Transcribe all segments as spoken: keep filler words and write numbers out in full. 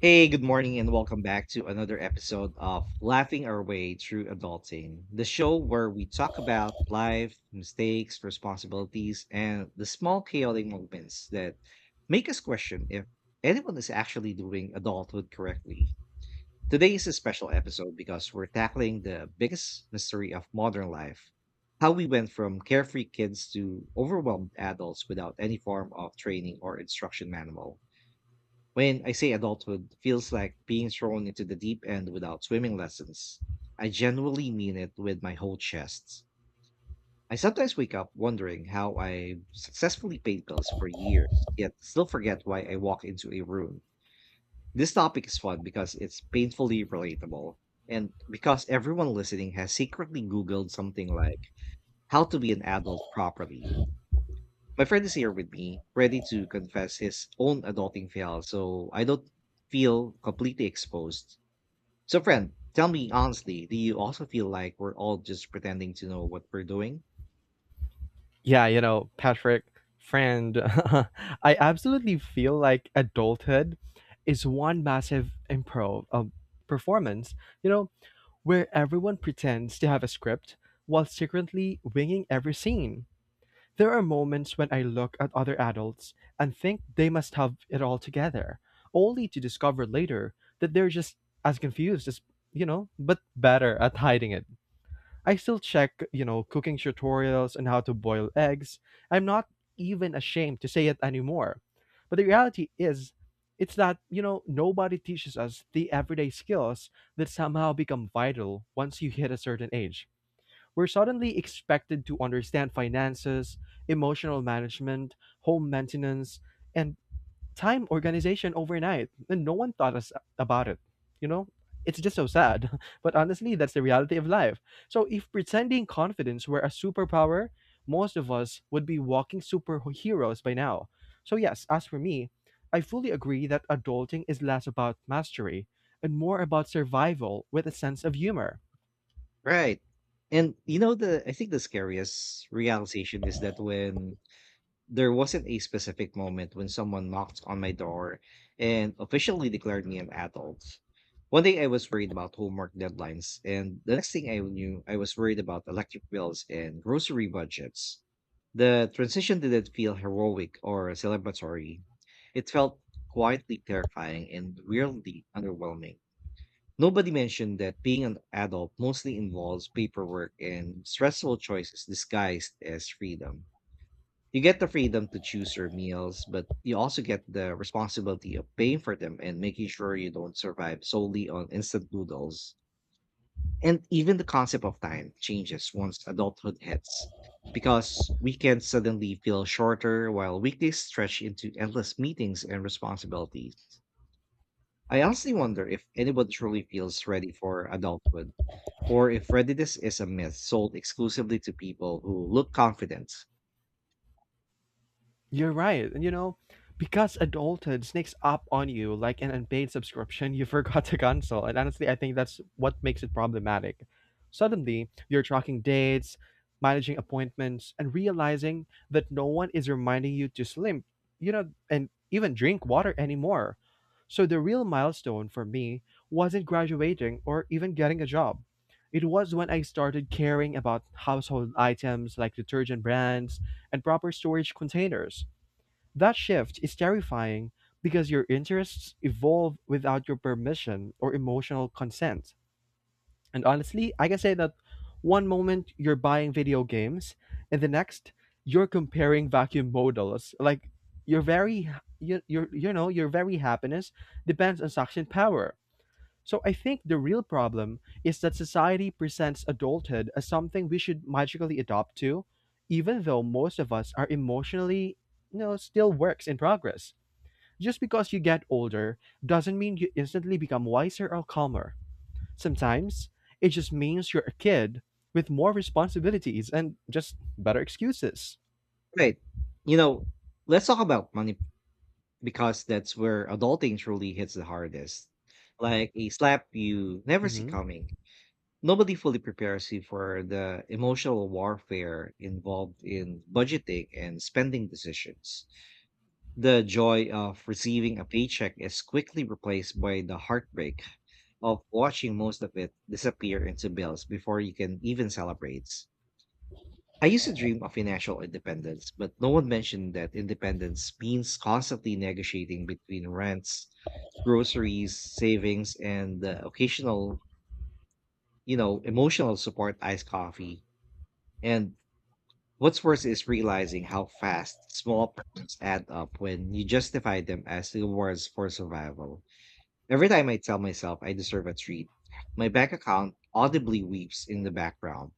Hey, good morning, and welcome back to another episode of Laughing Our Way Through Adulting, the show where we talk about life, mistakes, responsibilities, and the small chaotic moments that make us question if anyone is actually doing adulthood correctly. Today is a special episode because we're tackling the biggest mystery of modern life: how we went from carefree kids to overwhelmed adults without any form of training or instruction manual. When I say adulthood feels like being thrown into the deep end without swimming lessons, I genuinely mean it with my whole chest. I sometimes wake up wondering how I successfully paid bills for years, yet still forget why I walk into a room. This topic is fun because it's painfully relatable, and because everyone listening has secretly Googled something like how to be an adult properly. My friend is here with me, ready to confess his own adulting fail, so I don't feel completely exposed. So, friend, tell me honestly, do you also feel like we're all just pretending to know what we're doing? Yeah, you know, Patrick, friend, I absolutely feel like adulthood is one massive improv um, performance, you know, where everyone pretends to have a script while secretly winging every scene. There are moments when I look at other adults and think they must have it all together, only to discover later that they're just as confused as, you know, but better at hiding it. I still check, you know, cooking tutorials on how to boil eggs. I'm not even ashamed to say it anymore. But the reality is, it's that, you know, nobody teaches us the everyday skills that somehow become vital once you hit a certain age. We're suddenly expected to understand finances, emotional management, home maintenance, and time organization overnight, and no one thought us about it. You know, it's just so sad. But honestly, that's the reality of life. So if pretending confidence were a superpower, most of us would be walking superheroes by now. So yes, as for me, I fully agree that adulting is less about mastery and more about survival with a sense of humor. Right. And you know the I think the scariest realization is that when there wasn't a specific moment when someone knocked on my door and officially declared me an adult. One day I was worried about homework deadlines, and the next thing I knew, I was worried about electric bills and grocery budgets. The transition didn't feel heroic or celebratory. It felt quietly terrifying and weirdly underwhelming. Nobody mentioned that being an adult mostly involves paperwork and stressful choices disguised as freedom. You get the freedom to choose your meals, but you also get the responsibility of paying for them and making sure you don't survive solely on instant noodles. And even the concept of time changes once adulthood hits, because weekends suddenly feel shorter while weekdays stretch into endless meetings and responsibilities. I honestly wonder if anyone truly feels ready for adulthood, or if readiness is a myth sold exclusively to people who look confident. You're right. And you know, because adulthood sneaks up on you like an unpaid subscription you forgot to cancel. And honestly, I think that's what makes it problematic. Suddenly, you're tracking dates, managing appointments, and realizing that no one is reminding you to slim, you know, and even drink water anymore. So the real milestone for me wasn't graduating or even getting a job. It was when I started caring about household items like detergent brands and proper storage containers. That shift is terrifying because your interests evolve without your permission or emotional consent. And honestly, I can say that one moment you're buying video games, and the next you're comparing vacuum models. Like your very you your you know your very happiness depends on suction power. So I think the real problem is that society presents adulthood as something we should magically adopt to, even though most of us are emotionally you know still works in progress. Just because you get older doesn't mean you instantly become wiser or calmer. Sometimes it just means you're a kid with more responsibilities and just better excuses. Right. You know, let's talk about money, because that's where adulting truly hits the hardest. Like a slap you never see hmm coming. Nobody fully prepares you for the emotional warfare involved in budgeting and spending decisions. The joy of receiving a paycheck is quickly replaced by the heartbreak of watching most of it disappear into bills before you can even celebrate. I used to dream of financial independence, but no one mentioned that independence means constantly negotiating between rents, groceries, savings, and the occasional, you know, emotional support iced coffee. And what's worse is realizing how fast small problems add up when you justify them as rewards for survival. Every time I tell myself I deserve a treat, my bank account audibly weeps in the background.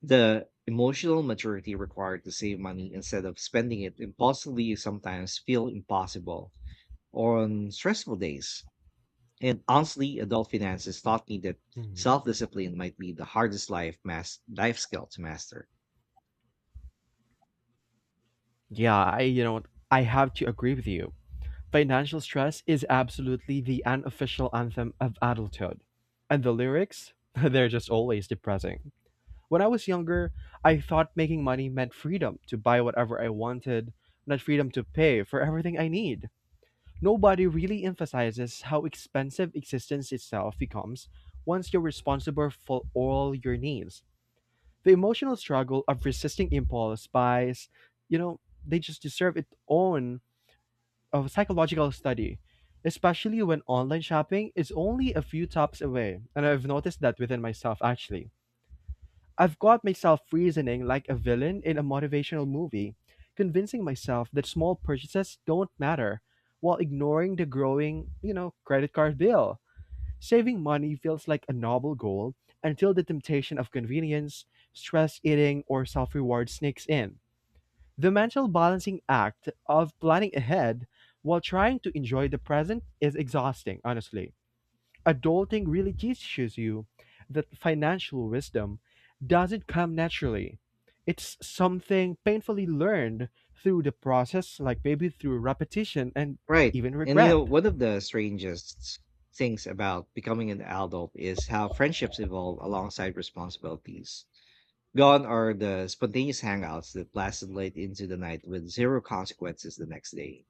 The emotional maturity required to save money instead of spending it impulsively sometimes feel impossible on stressful days. And honestly, adult finances taught me that hmm self-discipline might be the hardest life mas- life skill to master. Yeah, I you know I have to agree with you. Financial stress is absolutely the unofficial anthem of adulthood, and the lyrics they're just always depressing. When I was younger, I thought making money meant freedom to buy whatever I wanted, not freedom to pay for everything I need. Nobody really emphasizes how expensive existence itself becomes once you're responsible for all your needs. The emotional struggle of resisting impulse buys, you know, they just deserve its own of psychological study, especially when online shopping is only a few taps away. And I've noticed that within myself actually. I've got myself reasoning like a villain in a motivational movie, convincing myself that small purchases don't matter while ignoring the growing, you know, credit card bill. Saving money feels like a noble goal until the temptation of convenience, stress eating, or self reward sneaks in. The mental balancing act of planning ahead while trying to enjoy the present is exhausting, honestly. Adulting really teaches you that financial wisdom doesn't come naturally. It's something painfully learned through the process, like maybe through repetition and Right. even And you regret. know, one of the strangest things about becoming an adult is how friendships evolve alongside responsibilities. Gone are the spontaneous hangouts that lasted late into the night with zero consequences the next day.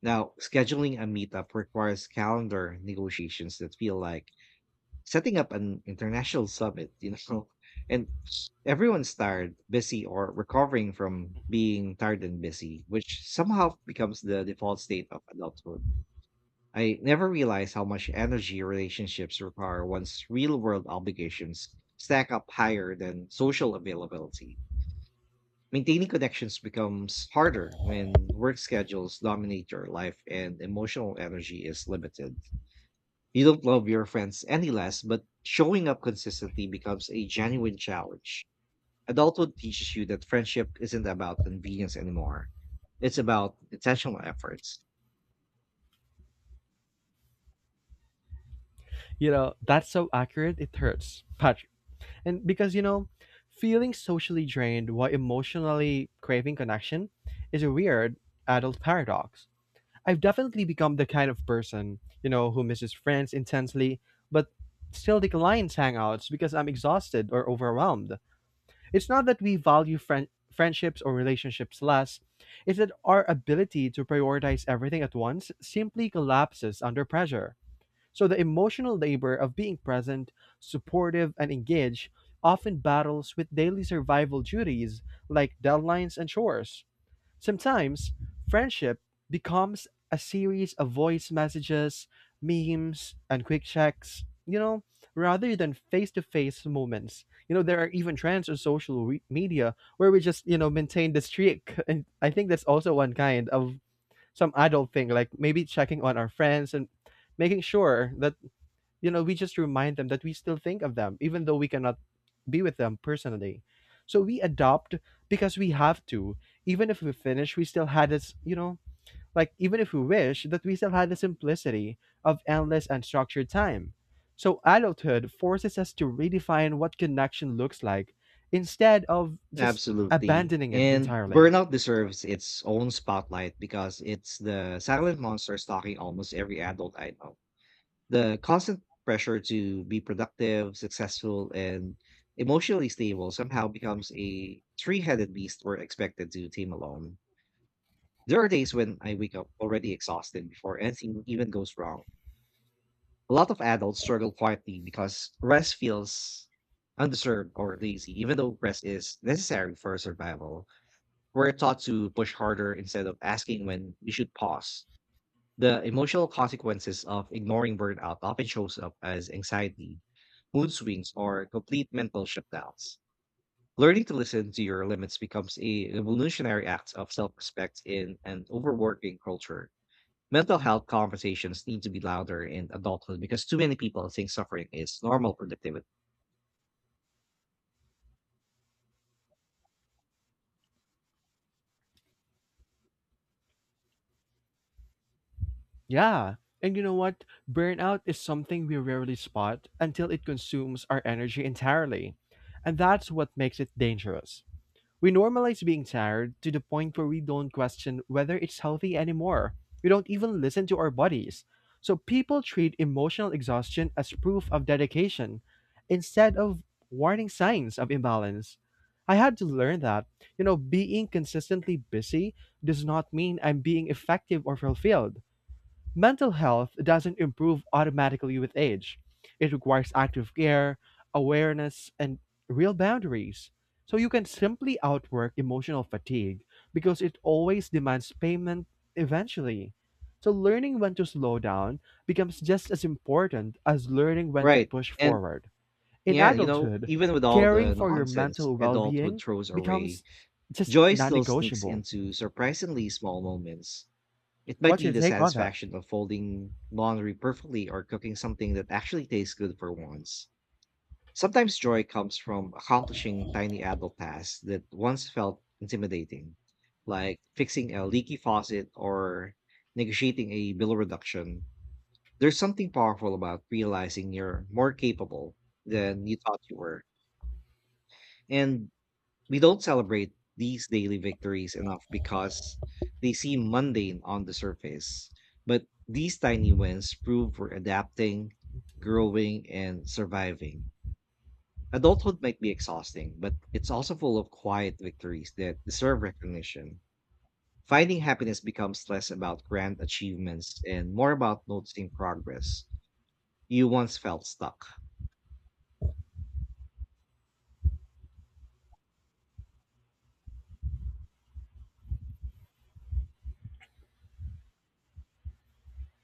Now, scheduling a meetup requires calendar negotiations that feel like setting up an international summit, you know. And everyone's tired, busy, or recovering from being tired and busy, which somehow becomes the default state of adulthood. I never realized how much energy relationships require once real world obligations stack up higher than social availability. Maintaining connections becomes harder when work schedules dominate your life and emotional energy is limited. You don't love your friends any less, but showing up consistently becomes a genuine challenge. Adulthood teaches you that friendship isn't about convenience anymore, it's about intentional efforts. You know, that's so accurate, it hurts, Patrick. And because, you know, feeling socially drained while emotionally craving connection is a weird adult paradox. I've definitely become the kind of person, you know, who misses friends intensely, but still declines hangouts because I'm exhausted or overwhelmed. It's not that we value friend friendships or relationships less, it's that our ability to prioritize everything at once simply collapses under pressure. So the emotional labor of being present, supportive, and engaged often battles with daily survival duties like deadlines and chores. Sometimes friendship becomes a series of voice messages, memes, and quick checks, you know, rather than face to face moments. You know, there are even trends on social re- media where we just, you know, maintain the streak. And I think that's also one kind of some adult thing, like maybe checking on our friends and making sure that you know we just remind them that we still think of them even though we cannot be with them personally, so we adopt because we have to, even if we finish we still had this, you know, like even if we wish that we still had the simplicity of endless and structured time. So adulthood forces us to redefine what connection looks like instead of just Absolutely. abandoning it And entirely. burnout deserves its own spotlight because it's the silent monster stalking almost every adult I know. The constant pressure to be productive, successful, and emotionally stable somehow becomes a three headed beast we're expected to tame alone. There are days when I wake up already exhausted before anything even goes wrong. A lot of adults struggle quietly because rest feels undeserved or lazy, even though rest is necessary for survival. We're taught to push harder instead of asking when we should pause. The emotional consequences of ignoring burnout often shows up as anxiety, mood swings, or complete mental shutdowns. Learning to listen to your limits becomes a revolutionary act of self-respect in an overworking culture. Mental health conversations need to be louder in adulthood because too many people think suffering is normal productivity. Yeah. And you know what? Burnout is something we rarely spot until it consumes our energy entirely. And that's what makes it dangerous. We normalize being tired to the point where we don't question whether it's healthy anymore. We don't even listen to our bodies. So people treat emotional exhaustion as proof of dedication instead of warning signs of imbalance. I had to learn that, you know, being consistently busy does not mean I'm being effective or fulfilled. Mental health doesn't improve automatically with age. It requires active care, awareness, and real boundaries. So you can simply outwork emotional fatigue because it always demands payment eventually. So learning when to slow down becomes just as important as learning when to Right. push And forward. In yeah, you know, adulthood, even with all caring the for your nonsense mental well adulthood being throws away, becomes just joy non still sneaks negotiable. into surprisingly small moments. It might What's be your the take on that? satisfaction of folding laundry perfectly or cooking something that actually tastes good for once. Sometimes joy comes from accomplishing tiny adult tasks that once felt intimidating, like fixing a leaky faucet or negotiating a bill reduction. There's something powerful about realizing you're more capable than you thought you were. And we don't celebrate these daily victories enough because they seem mundane on the surface. But these tiny wins prove we're adapting, growing, and surviving. Adulthood might be exhausting, but it's also full of quiet victories that deserve recognition. Finding happiness becomes less about grand achievements and more about noticing progress. You once felt stuck.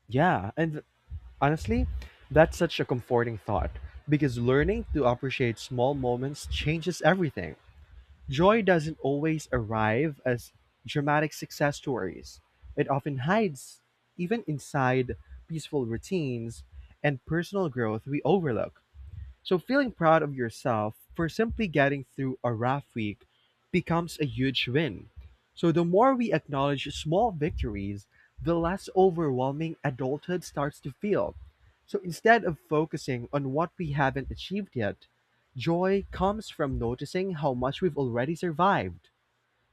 Yeah, and honestly, that's such a comforting thought because learning to appreciate small moments changes everything. Joy doesn't always arrive as dramatic success stories, it often hides even inside peaceful routines and personal growth we overlook. So feeling proud of yourself for simply getting through a rough week becomes a huge win. So the more we acknowledge small victories, the less overwhelming adulthood starts to feel. So instead of focusing on what we haven't achieved yet, joy comes from noticing how much we've already survived.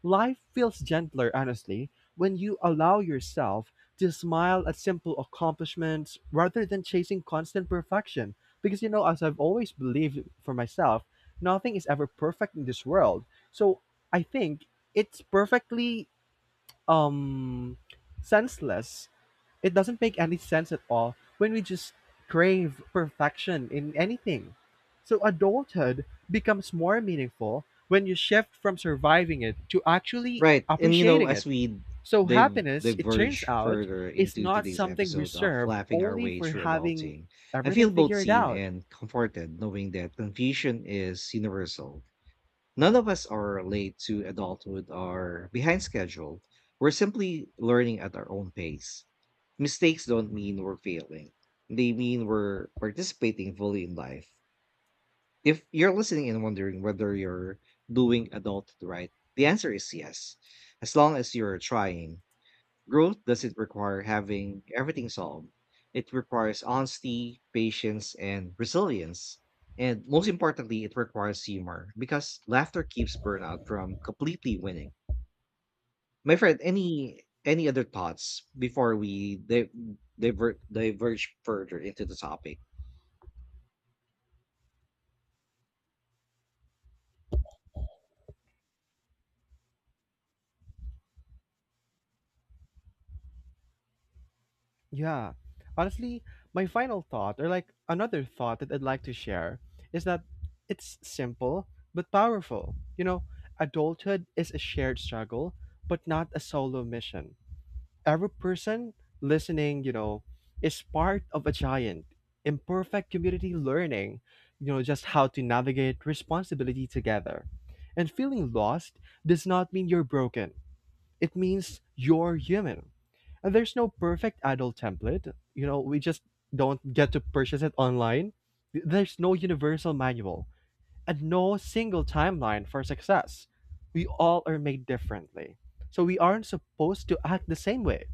Life feels gentler, honestly, when you allow yourself to smile at simple accomplishments rather than chasing constant perfection. Because, you know, as I've always believed for myself, nothing is ever perfect in this world. So I think it's perfectly um, senseless, it doesn't make any sense at all when we just crave perfection in anything. So adulthood becomes more meaningful when you shift from surviving it to actually Right. And you know, appreciating it. as we So div- happiness, it turns diverge out, further is into not today's something episode of reserved Laughing Our only Way for Through having Adulting, I everything feel both figured seen out. and comforted knowing that confusion is universal. None of us are late to adulthood or behind schedule. We're simply learning at our own pace. Mistakes don't mean we're failing, they mean we're participating fully in life. If you're listening and wondering whether you're doing adult right, the answer is yes. As long as you're trying, growth doesn't require having everything solved. It requires honesty, patience, and resilience. And most importantly, it requires humor because laughter keeps burnout from completely winning. My friend, any any other thoughts before we di- divert diverge further into the topic? Yeah. Honestly, my final thought, or like another thought that I'd like to share, is that it's simple but powerful. You know, adulthood is a shared struggle, but not a solo mission. Every person listening, you know, is part of a giant, imperfect community learning, you know, just how to navigate responsibility together. And feeling lost does not mean you're broken, it means you're human. And there's no perfect idol template. You know, we just don't get to purchase it online. There's no universal manual and no single timeline for success. We all are made differently. So we aren't supposed to act the same way.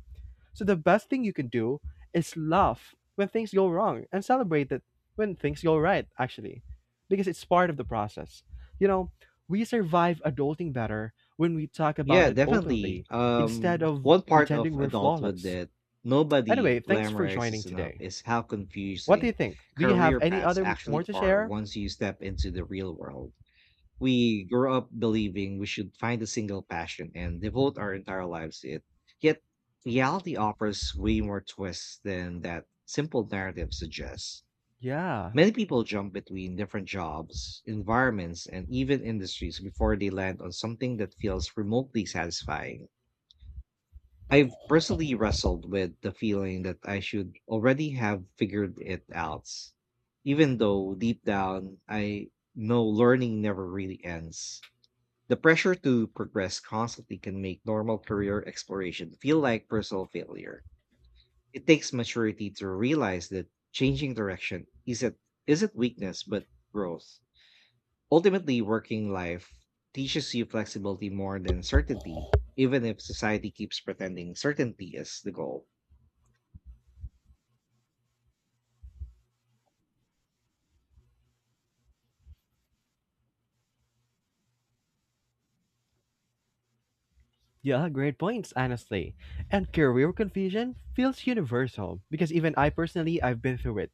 So the best thing you can do is laugh when things go wrong and celebrate it when things go right, actually, because it's part of the process. You know, we survive adulting better when we talk about Yeah, it definitely. openly instead Um, of One part pretending of we're adulthood flawless. that nobody Anyway, thanks for joining glamorizes enough today. is how What do you confusing think? Do you have career any paths other m- more actually to are share? once you step into the real world. We grow up believing we should find a single passion and devote our entire lives to it. Yet, reality offers way more twists than that simple narrative suggests. Yeah. Many people jump between different jobs, environments, and even industries before they land on something that feels remotely satisfying. I've personally wrestled with the feeling that I should already have figured it out, even though deep down I know learning never really ends. The pressure to progress constantly can make normal career exploration feel like personal failure. It takes maturity to realize that changing direction isn't, isn't weakness, but growth. Ultimately, working life teaches you flexibility more than certainty, even if society keeps pretending certainty is the goal. Yeah, great points, honestly. And career confusion feels universal because even I personally, I've been through it.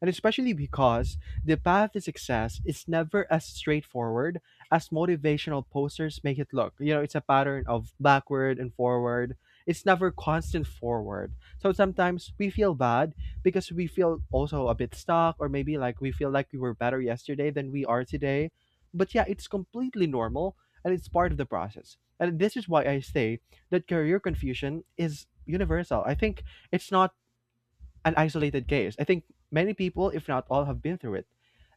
And especially because the path to success is never as straightforward as motivational posters make it look. You know, it's a pattern of backward and forward, it's never constant forward. So sometimes we feel bad because we feel also a bit stuck, or maybe like we feel like we were better yesterday than we are today. But yeah, it's completely normal and it's part of the process, and this is why I say that career confusion is universal. I think it's not an isolated case. I think many people, if not all, have been through it.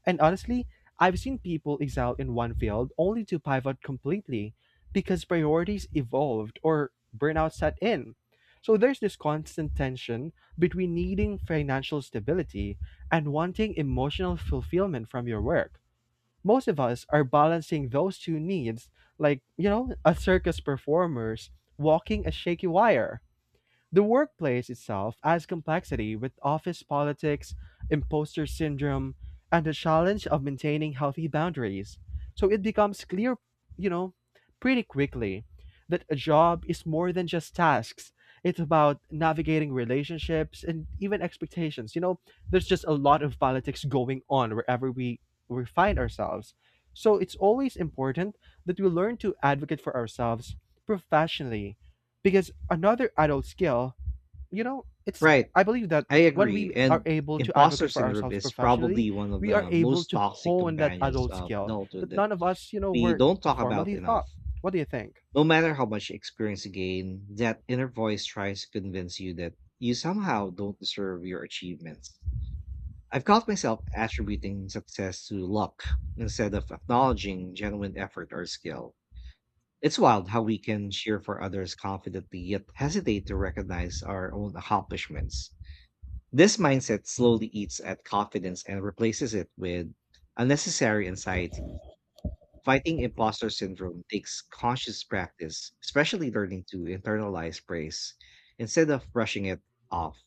And honestly, I've seen people excel in one field only to pivot completely because priorities evolved or burnout set in. So there's this constant tension between needing financial stability and wanting emotional fulfillment from your work. Most of us are balancing those two needs like, you know, a circus performers walking a shaky wire. The workplace itself adds complexity with office politics, imposter syndrome, and the challenge of maintaining healthy boundaries. So it becomes clear, you know, pretty quickly that a job is more than just tasks. It's about navigating relationships and even expectations. You know, there's just a lot of politics going on wherever we, we find ourselves. So it's always important that we learn to advocate for ourselves professionally because another adult skill you know, it's Right. I believe that I when agree. we are And able to imposter advocate for syndrome ourselves is professionally, probably one of we are the able most to toxic hone that companions adult of skill adulthood that that none of us, you know, we were don't talk about formally enough. taught. What do you think? No matter how much experience you gain, that inner voice tries to convince you that you somehow don't deserve your achievements. I've caught myself attributing success to luck instead of acknowledging genuine effort or skill. It's wild how we can cheer for others confidently yet hesitate to recognize our own accomplishments. This mindset slowly eats at confidence and replaces it with unnecessary anxiety. Fighting imposter syndrome takes conscious practice, especially learning to internalize praise instead of brushing it off.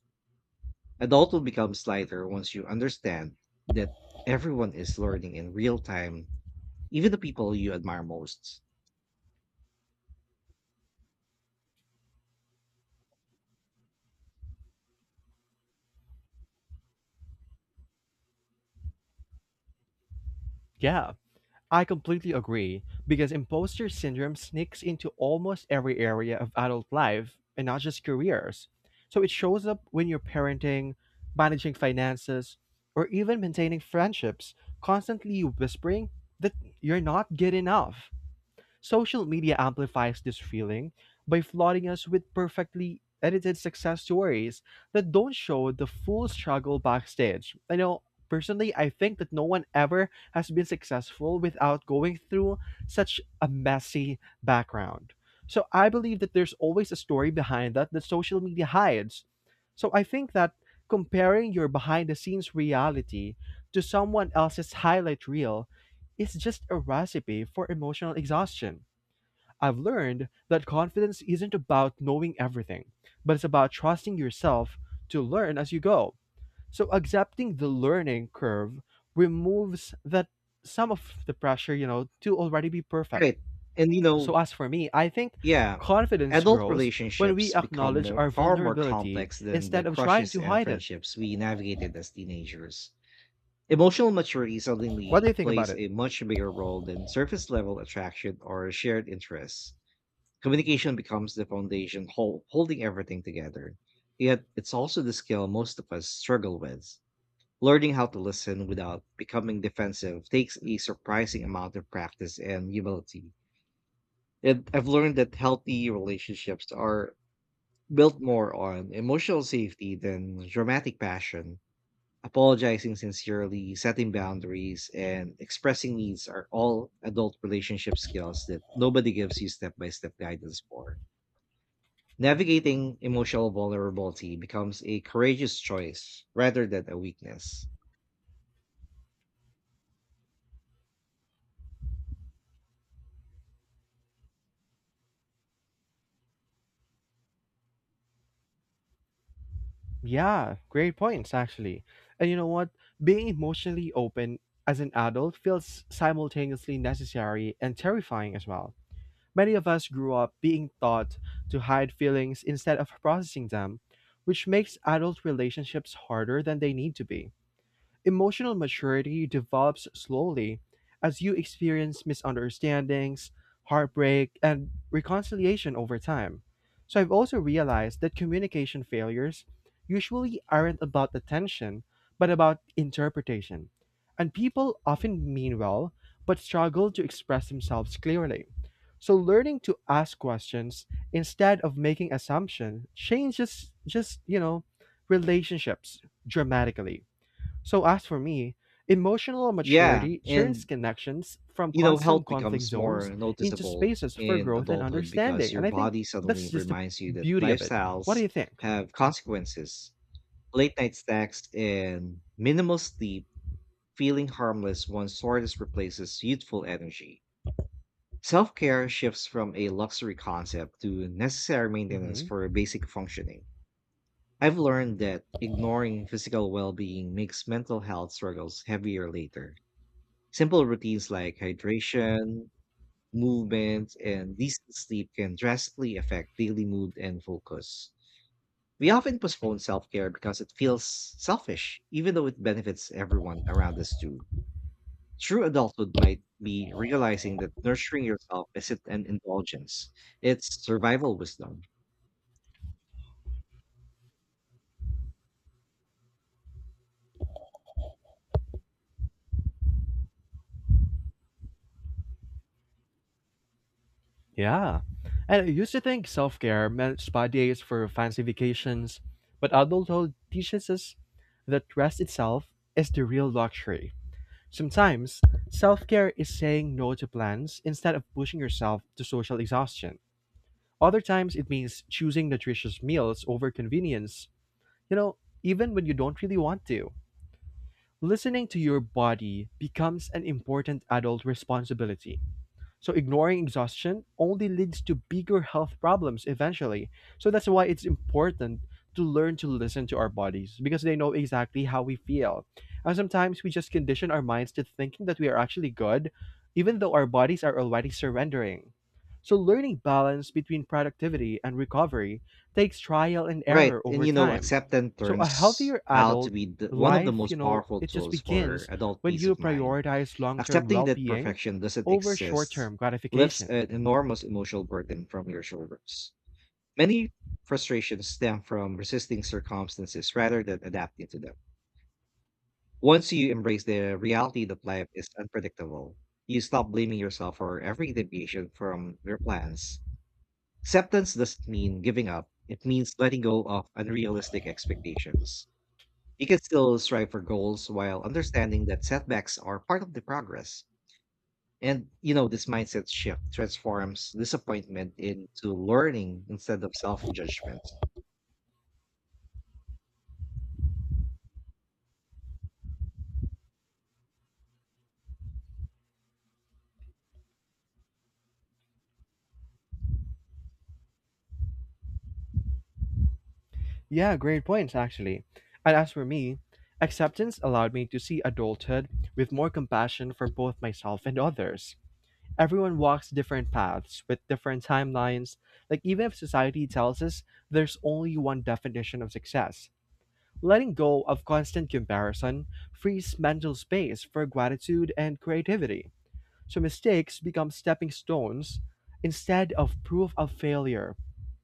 Adulthood becomes lighter once you understand that everyone is learning in real time, even the people you admire most. Yeah, I completely agree because imposter syndrome sneaks into almost every area of adult life and not just careers. So it shows up when you're parenting, managing finances, or even maintaining friendships, constantly whispering that you're not good enough. Social media amplifies this feeling by flooding us with perfectly edited success stories that don't show the full struggle backstage. I know personally I think that no one ever has been successful without going through such a messy background. So I believe that there's always a story behind that that social media hides. So I think that comparing your behind the scenes reality to someone else's highlight reel is just a recipe for emotional exhaustion. I've learned that confidence isn't about knowing everything, but it's about trusting yourself to learn as you go. So accepting the learning curve removes that some of the pressure, you know, to already be perfect. Right. And you know, So as for me, I think Yeah. confidence Adult grows when relationships we become acknowledge more, our far more vulnerability complex than the instead of trying crushes to and hide it. friendships we navigated as teenagers. Emotional maturity What do suddenly you think about plays it? a much bigger role than surface level attraction or shared interests. Communication becomes the foundation hol- holding everything together. Yet, it's also the skill most of us struggle with. Learning how to listen without becoming defensive takes a surprising amount of practice and humility. And I've learned that healthy relationships are built more on emotional safety than dramatic passion. Apologizing sincerely, setting boundaries, and expressing needs are all adult relationship skills that nobody gives you step by step guidance for. Navigating emotional vulnerability becomes a courageous choice rather than a weakness. Yeah, great points, actually. And you know what? Being emotionally open as an adult feels simultaneously necessary and terrifying as well. Many of us grew up being taught to hide feelings instead of processing them, which makes adult relationships harder than they need to be. Emotional maturity develops slowly as you experience misunderstandings, heartbreak, and reconciliation over time. So I've also realized that communication failures usually aren't about attention, but about interpretation. And people often mean well, but struggle to express themselves clearly. So learning to ask questions instead of making assumptions changes just, you know, relationships dramatically. So, as for me, emotional Yeah, maturity turns and connections from you know, health constant conflict becomes more zones into noticeable spaces for in growth and adulthood because understanding. your And I think body suddenly that's just the reminds you that beauty of it. What do lifestyles you think? have consequences. Late night snacks and minimal sleep, feeling harmless once soreness replaces youthful energy. Self care shifts from a luxury concept to necessary maintenance Hmm. for basic functioning. I've learned that ignoring physical well being makes mental health struggles heavier later. Simple routines like hydration, movement, and decent sleep can drastically affect daily mood and focus. We often postpone self care because it feels selfish, even though it benefits everyone around us too. True adulthood might be realizing that nurturing yourself isn't an indulgence, it's survival wisdom. Yeah. And I used to think self care meant spa days for fancy vacations, but adulthood teaches us that rest itself is the real luxury. Sometimes, self care is saying no to plans instead of pushing yourself to social exhaustion. Other times it means choosing nutritious meals over convenience, you know, even when you don't really want to. Listening to your body becomes an important adult responsibility. So ignoring exhaustion only leads to bigger health problems eventually. So that's why it's important to learn to listen to our bodies because they know exactly how we feel. And sometimes we just condition our minds to thinking that we are actually good, even though our bodies are already surrendering. So learning balance between productivity and recovery takes trial and Right. error And over you know, time. acceptance So a turns healthier out to adult be the, one of the life, most you know, powerful it just tools for begins adult when peace you of mind. prioritize long-term Accepting that well-being perfection doesn't over short exist term lifts gratification. an enormous emotional burden from your shoulders. Many frustrations stem from resisting circumstances rather than adapting to them. Once you embrace the reality that life is unpredictable, you stop blaming yourself for every deviation from your plans. Acceptance doesn't mean giving up, it means letting go of unrealistic expectations. You can still strive for goals while understanding that setbacks are part of the progress. And you know, this mindset shift transforms disappointment into learning instead of self judgment. Yeah, great points, actually. And as for me, acceptance allowed me to see adulthood with more compassion for both myself and others. Everyone walks different paths with different timelines. Like, even if society tells us there's only one definition of success, letting go of constant comparison frees mental space for gratitude and creativity. So mistakes become stepping stones instead of proof of failure.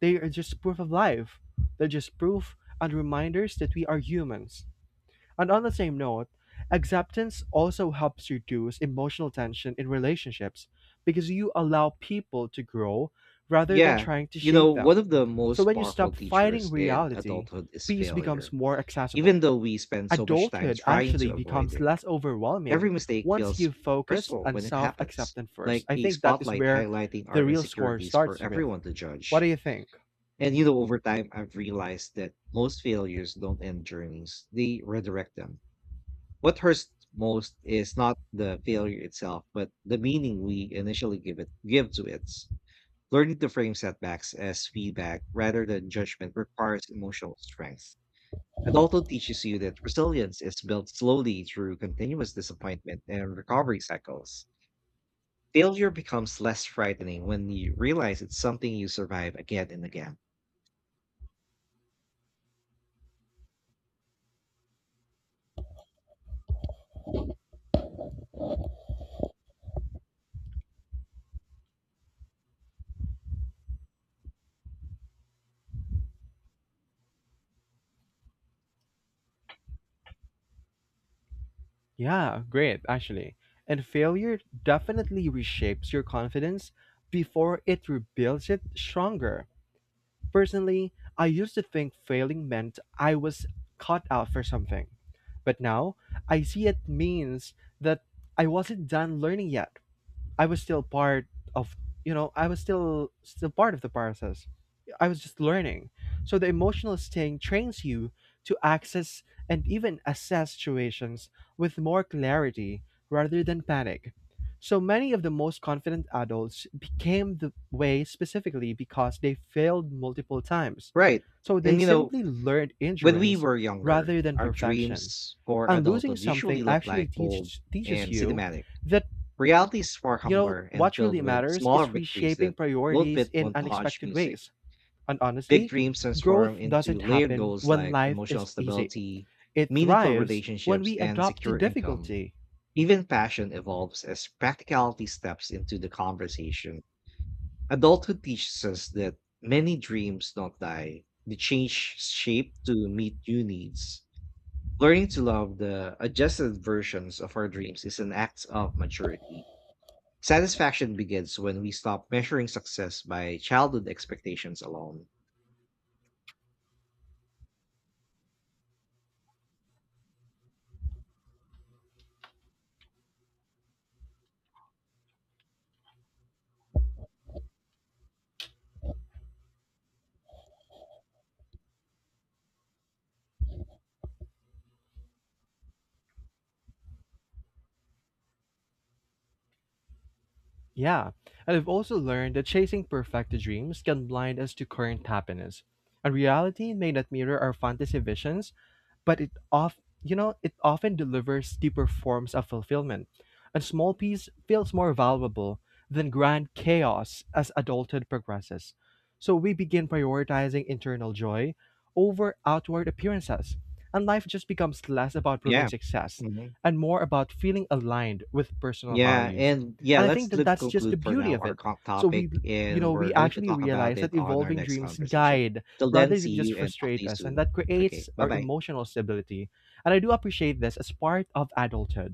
They are just proof of life. They're just proof and reminders that we are humans. And on the same note, acceptance also helps reduce emotional tension in relationships because you allow people to grow rather than Yeah, trying to you know, shape them. one of the So most when you powerful stop fighting teachers in reality, adulthood is peace becomes failure. more Even accessible. though we spend so much time Adulthood trying to actually avoid becomes it, less overwhelming every mistake once feels you focus personal on when it self happens, acceptance first. like I a think that is spotlight where highlighting the our real score insecurities for starts with. everyone to What judge. do you think? And you know, over time, I've realized that most failures don't end journeys, they redirect them. What hurts most is not the failure itself, but the meaning we initially give it give to it. Learning to frame setbacks as feedback rather than judgment requires emotional strength. It also teaches you that resilience is built slowly through continuous disappointment and recovery cycles. Failure becomes less frightening when you realize it's something you survive again and again. Yeah, great, actually. And failure definitely reshapes your confidence before it rebuilds it stronger. Personally, I used to think failing meant I was caught out for something. But now, I see it means that I wasn't done learning yet. I was still part of you know I was still still part of the process. I was just learning. So the emotional sting trains you to access and even assess situations with more clarity rather than panic. So many of the most confident adults became the way specifically because they failed multiple times. Right. So they And you know, simply learned when we endurance were younger, rather than our perfection dreams for and losing adulthood usually something look actually like bold teach, teaches and you cinematic. that Reality is far you know humbler and what filled really with matters smaller is victories reshaping that don't priorities fit in montage unexpected music. ways and Big honestly dreams growth transform into doesn't layered happen goals when like life emotional is easy, stability, it meaningful thrives when relationships, we and adopt to secure income. difficulty. Even passion evolves as practicality steps into the conversation. Adulthood teaches us that many dreams don't die, they change shape to meet new needs. Learning to love the adjusted versions of our dreams is an act of maturity. Satisfaction begins when we stop measuring success by childhood expectations alone. Yeah, and I've also learned that chasing perfect dreams can blind us to current happiness. And reality may not mirror our fantasy visions, but it off you know, it often delivers deeper forms of fulfillment. And small peace feels more valuable than grand chaos as adulthood progresses. So we begin prioritizing internal joy over outward appearances. And life just becomes less about proving Yeah. success Mhm. and more about feeling aligned with personal Yeah, values. and yeah, And I think let's that li- that's just the conclude for beauty now of our it. co- So we, topic, you and know, we're we going to actually talk about realize that it on our evolving next dreams conversation. guide Till then, rather see than just you and talk to frustrate you us, and soon. that Okay, creates bye our bye. emotional stability. And I do appreciate this as part of adulthood.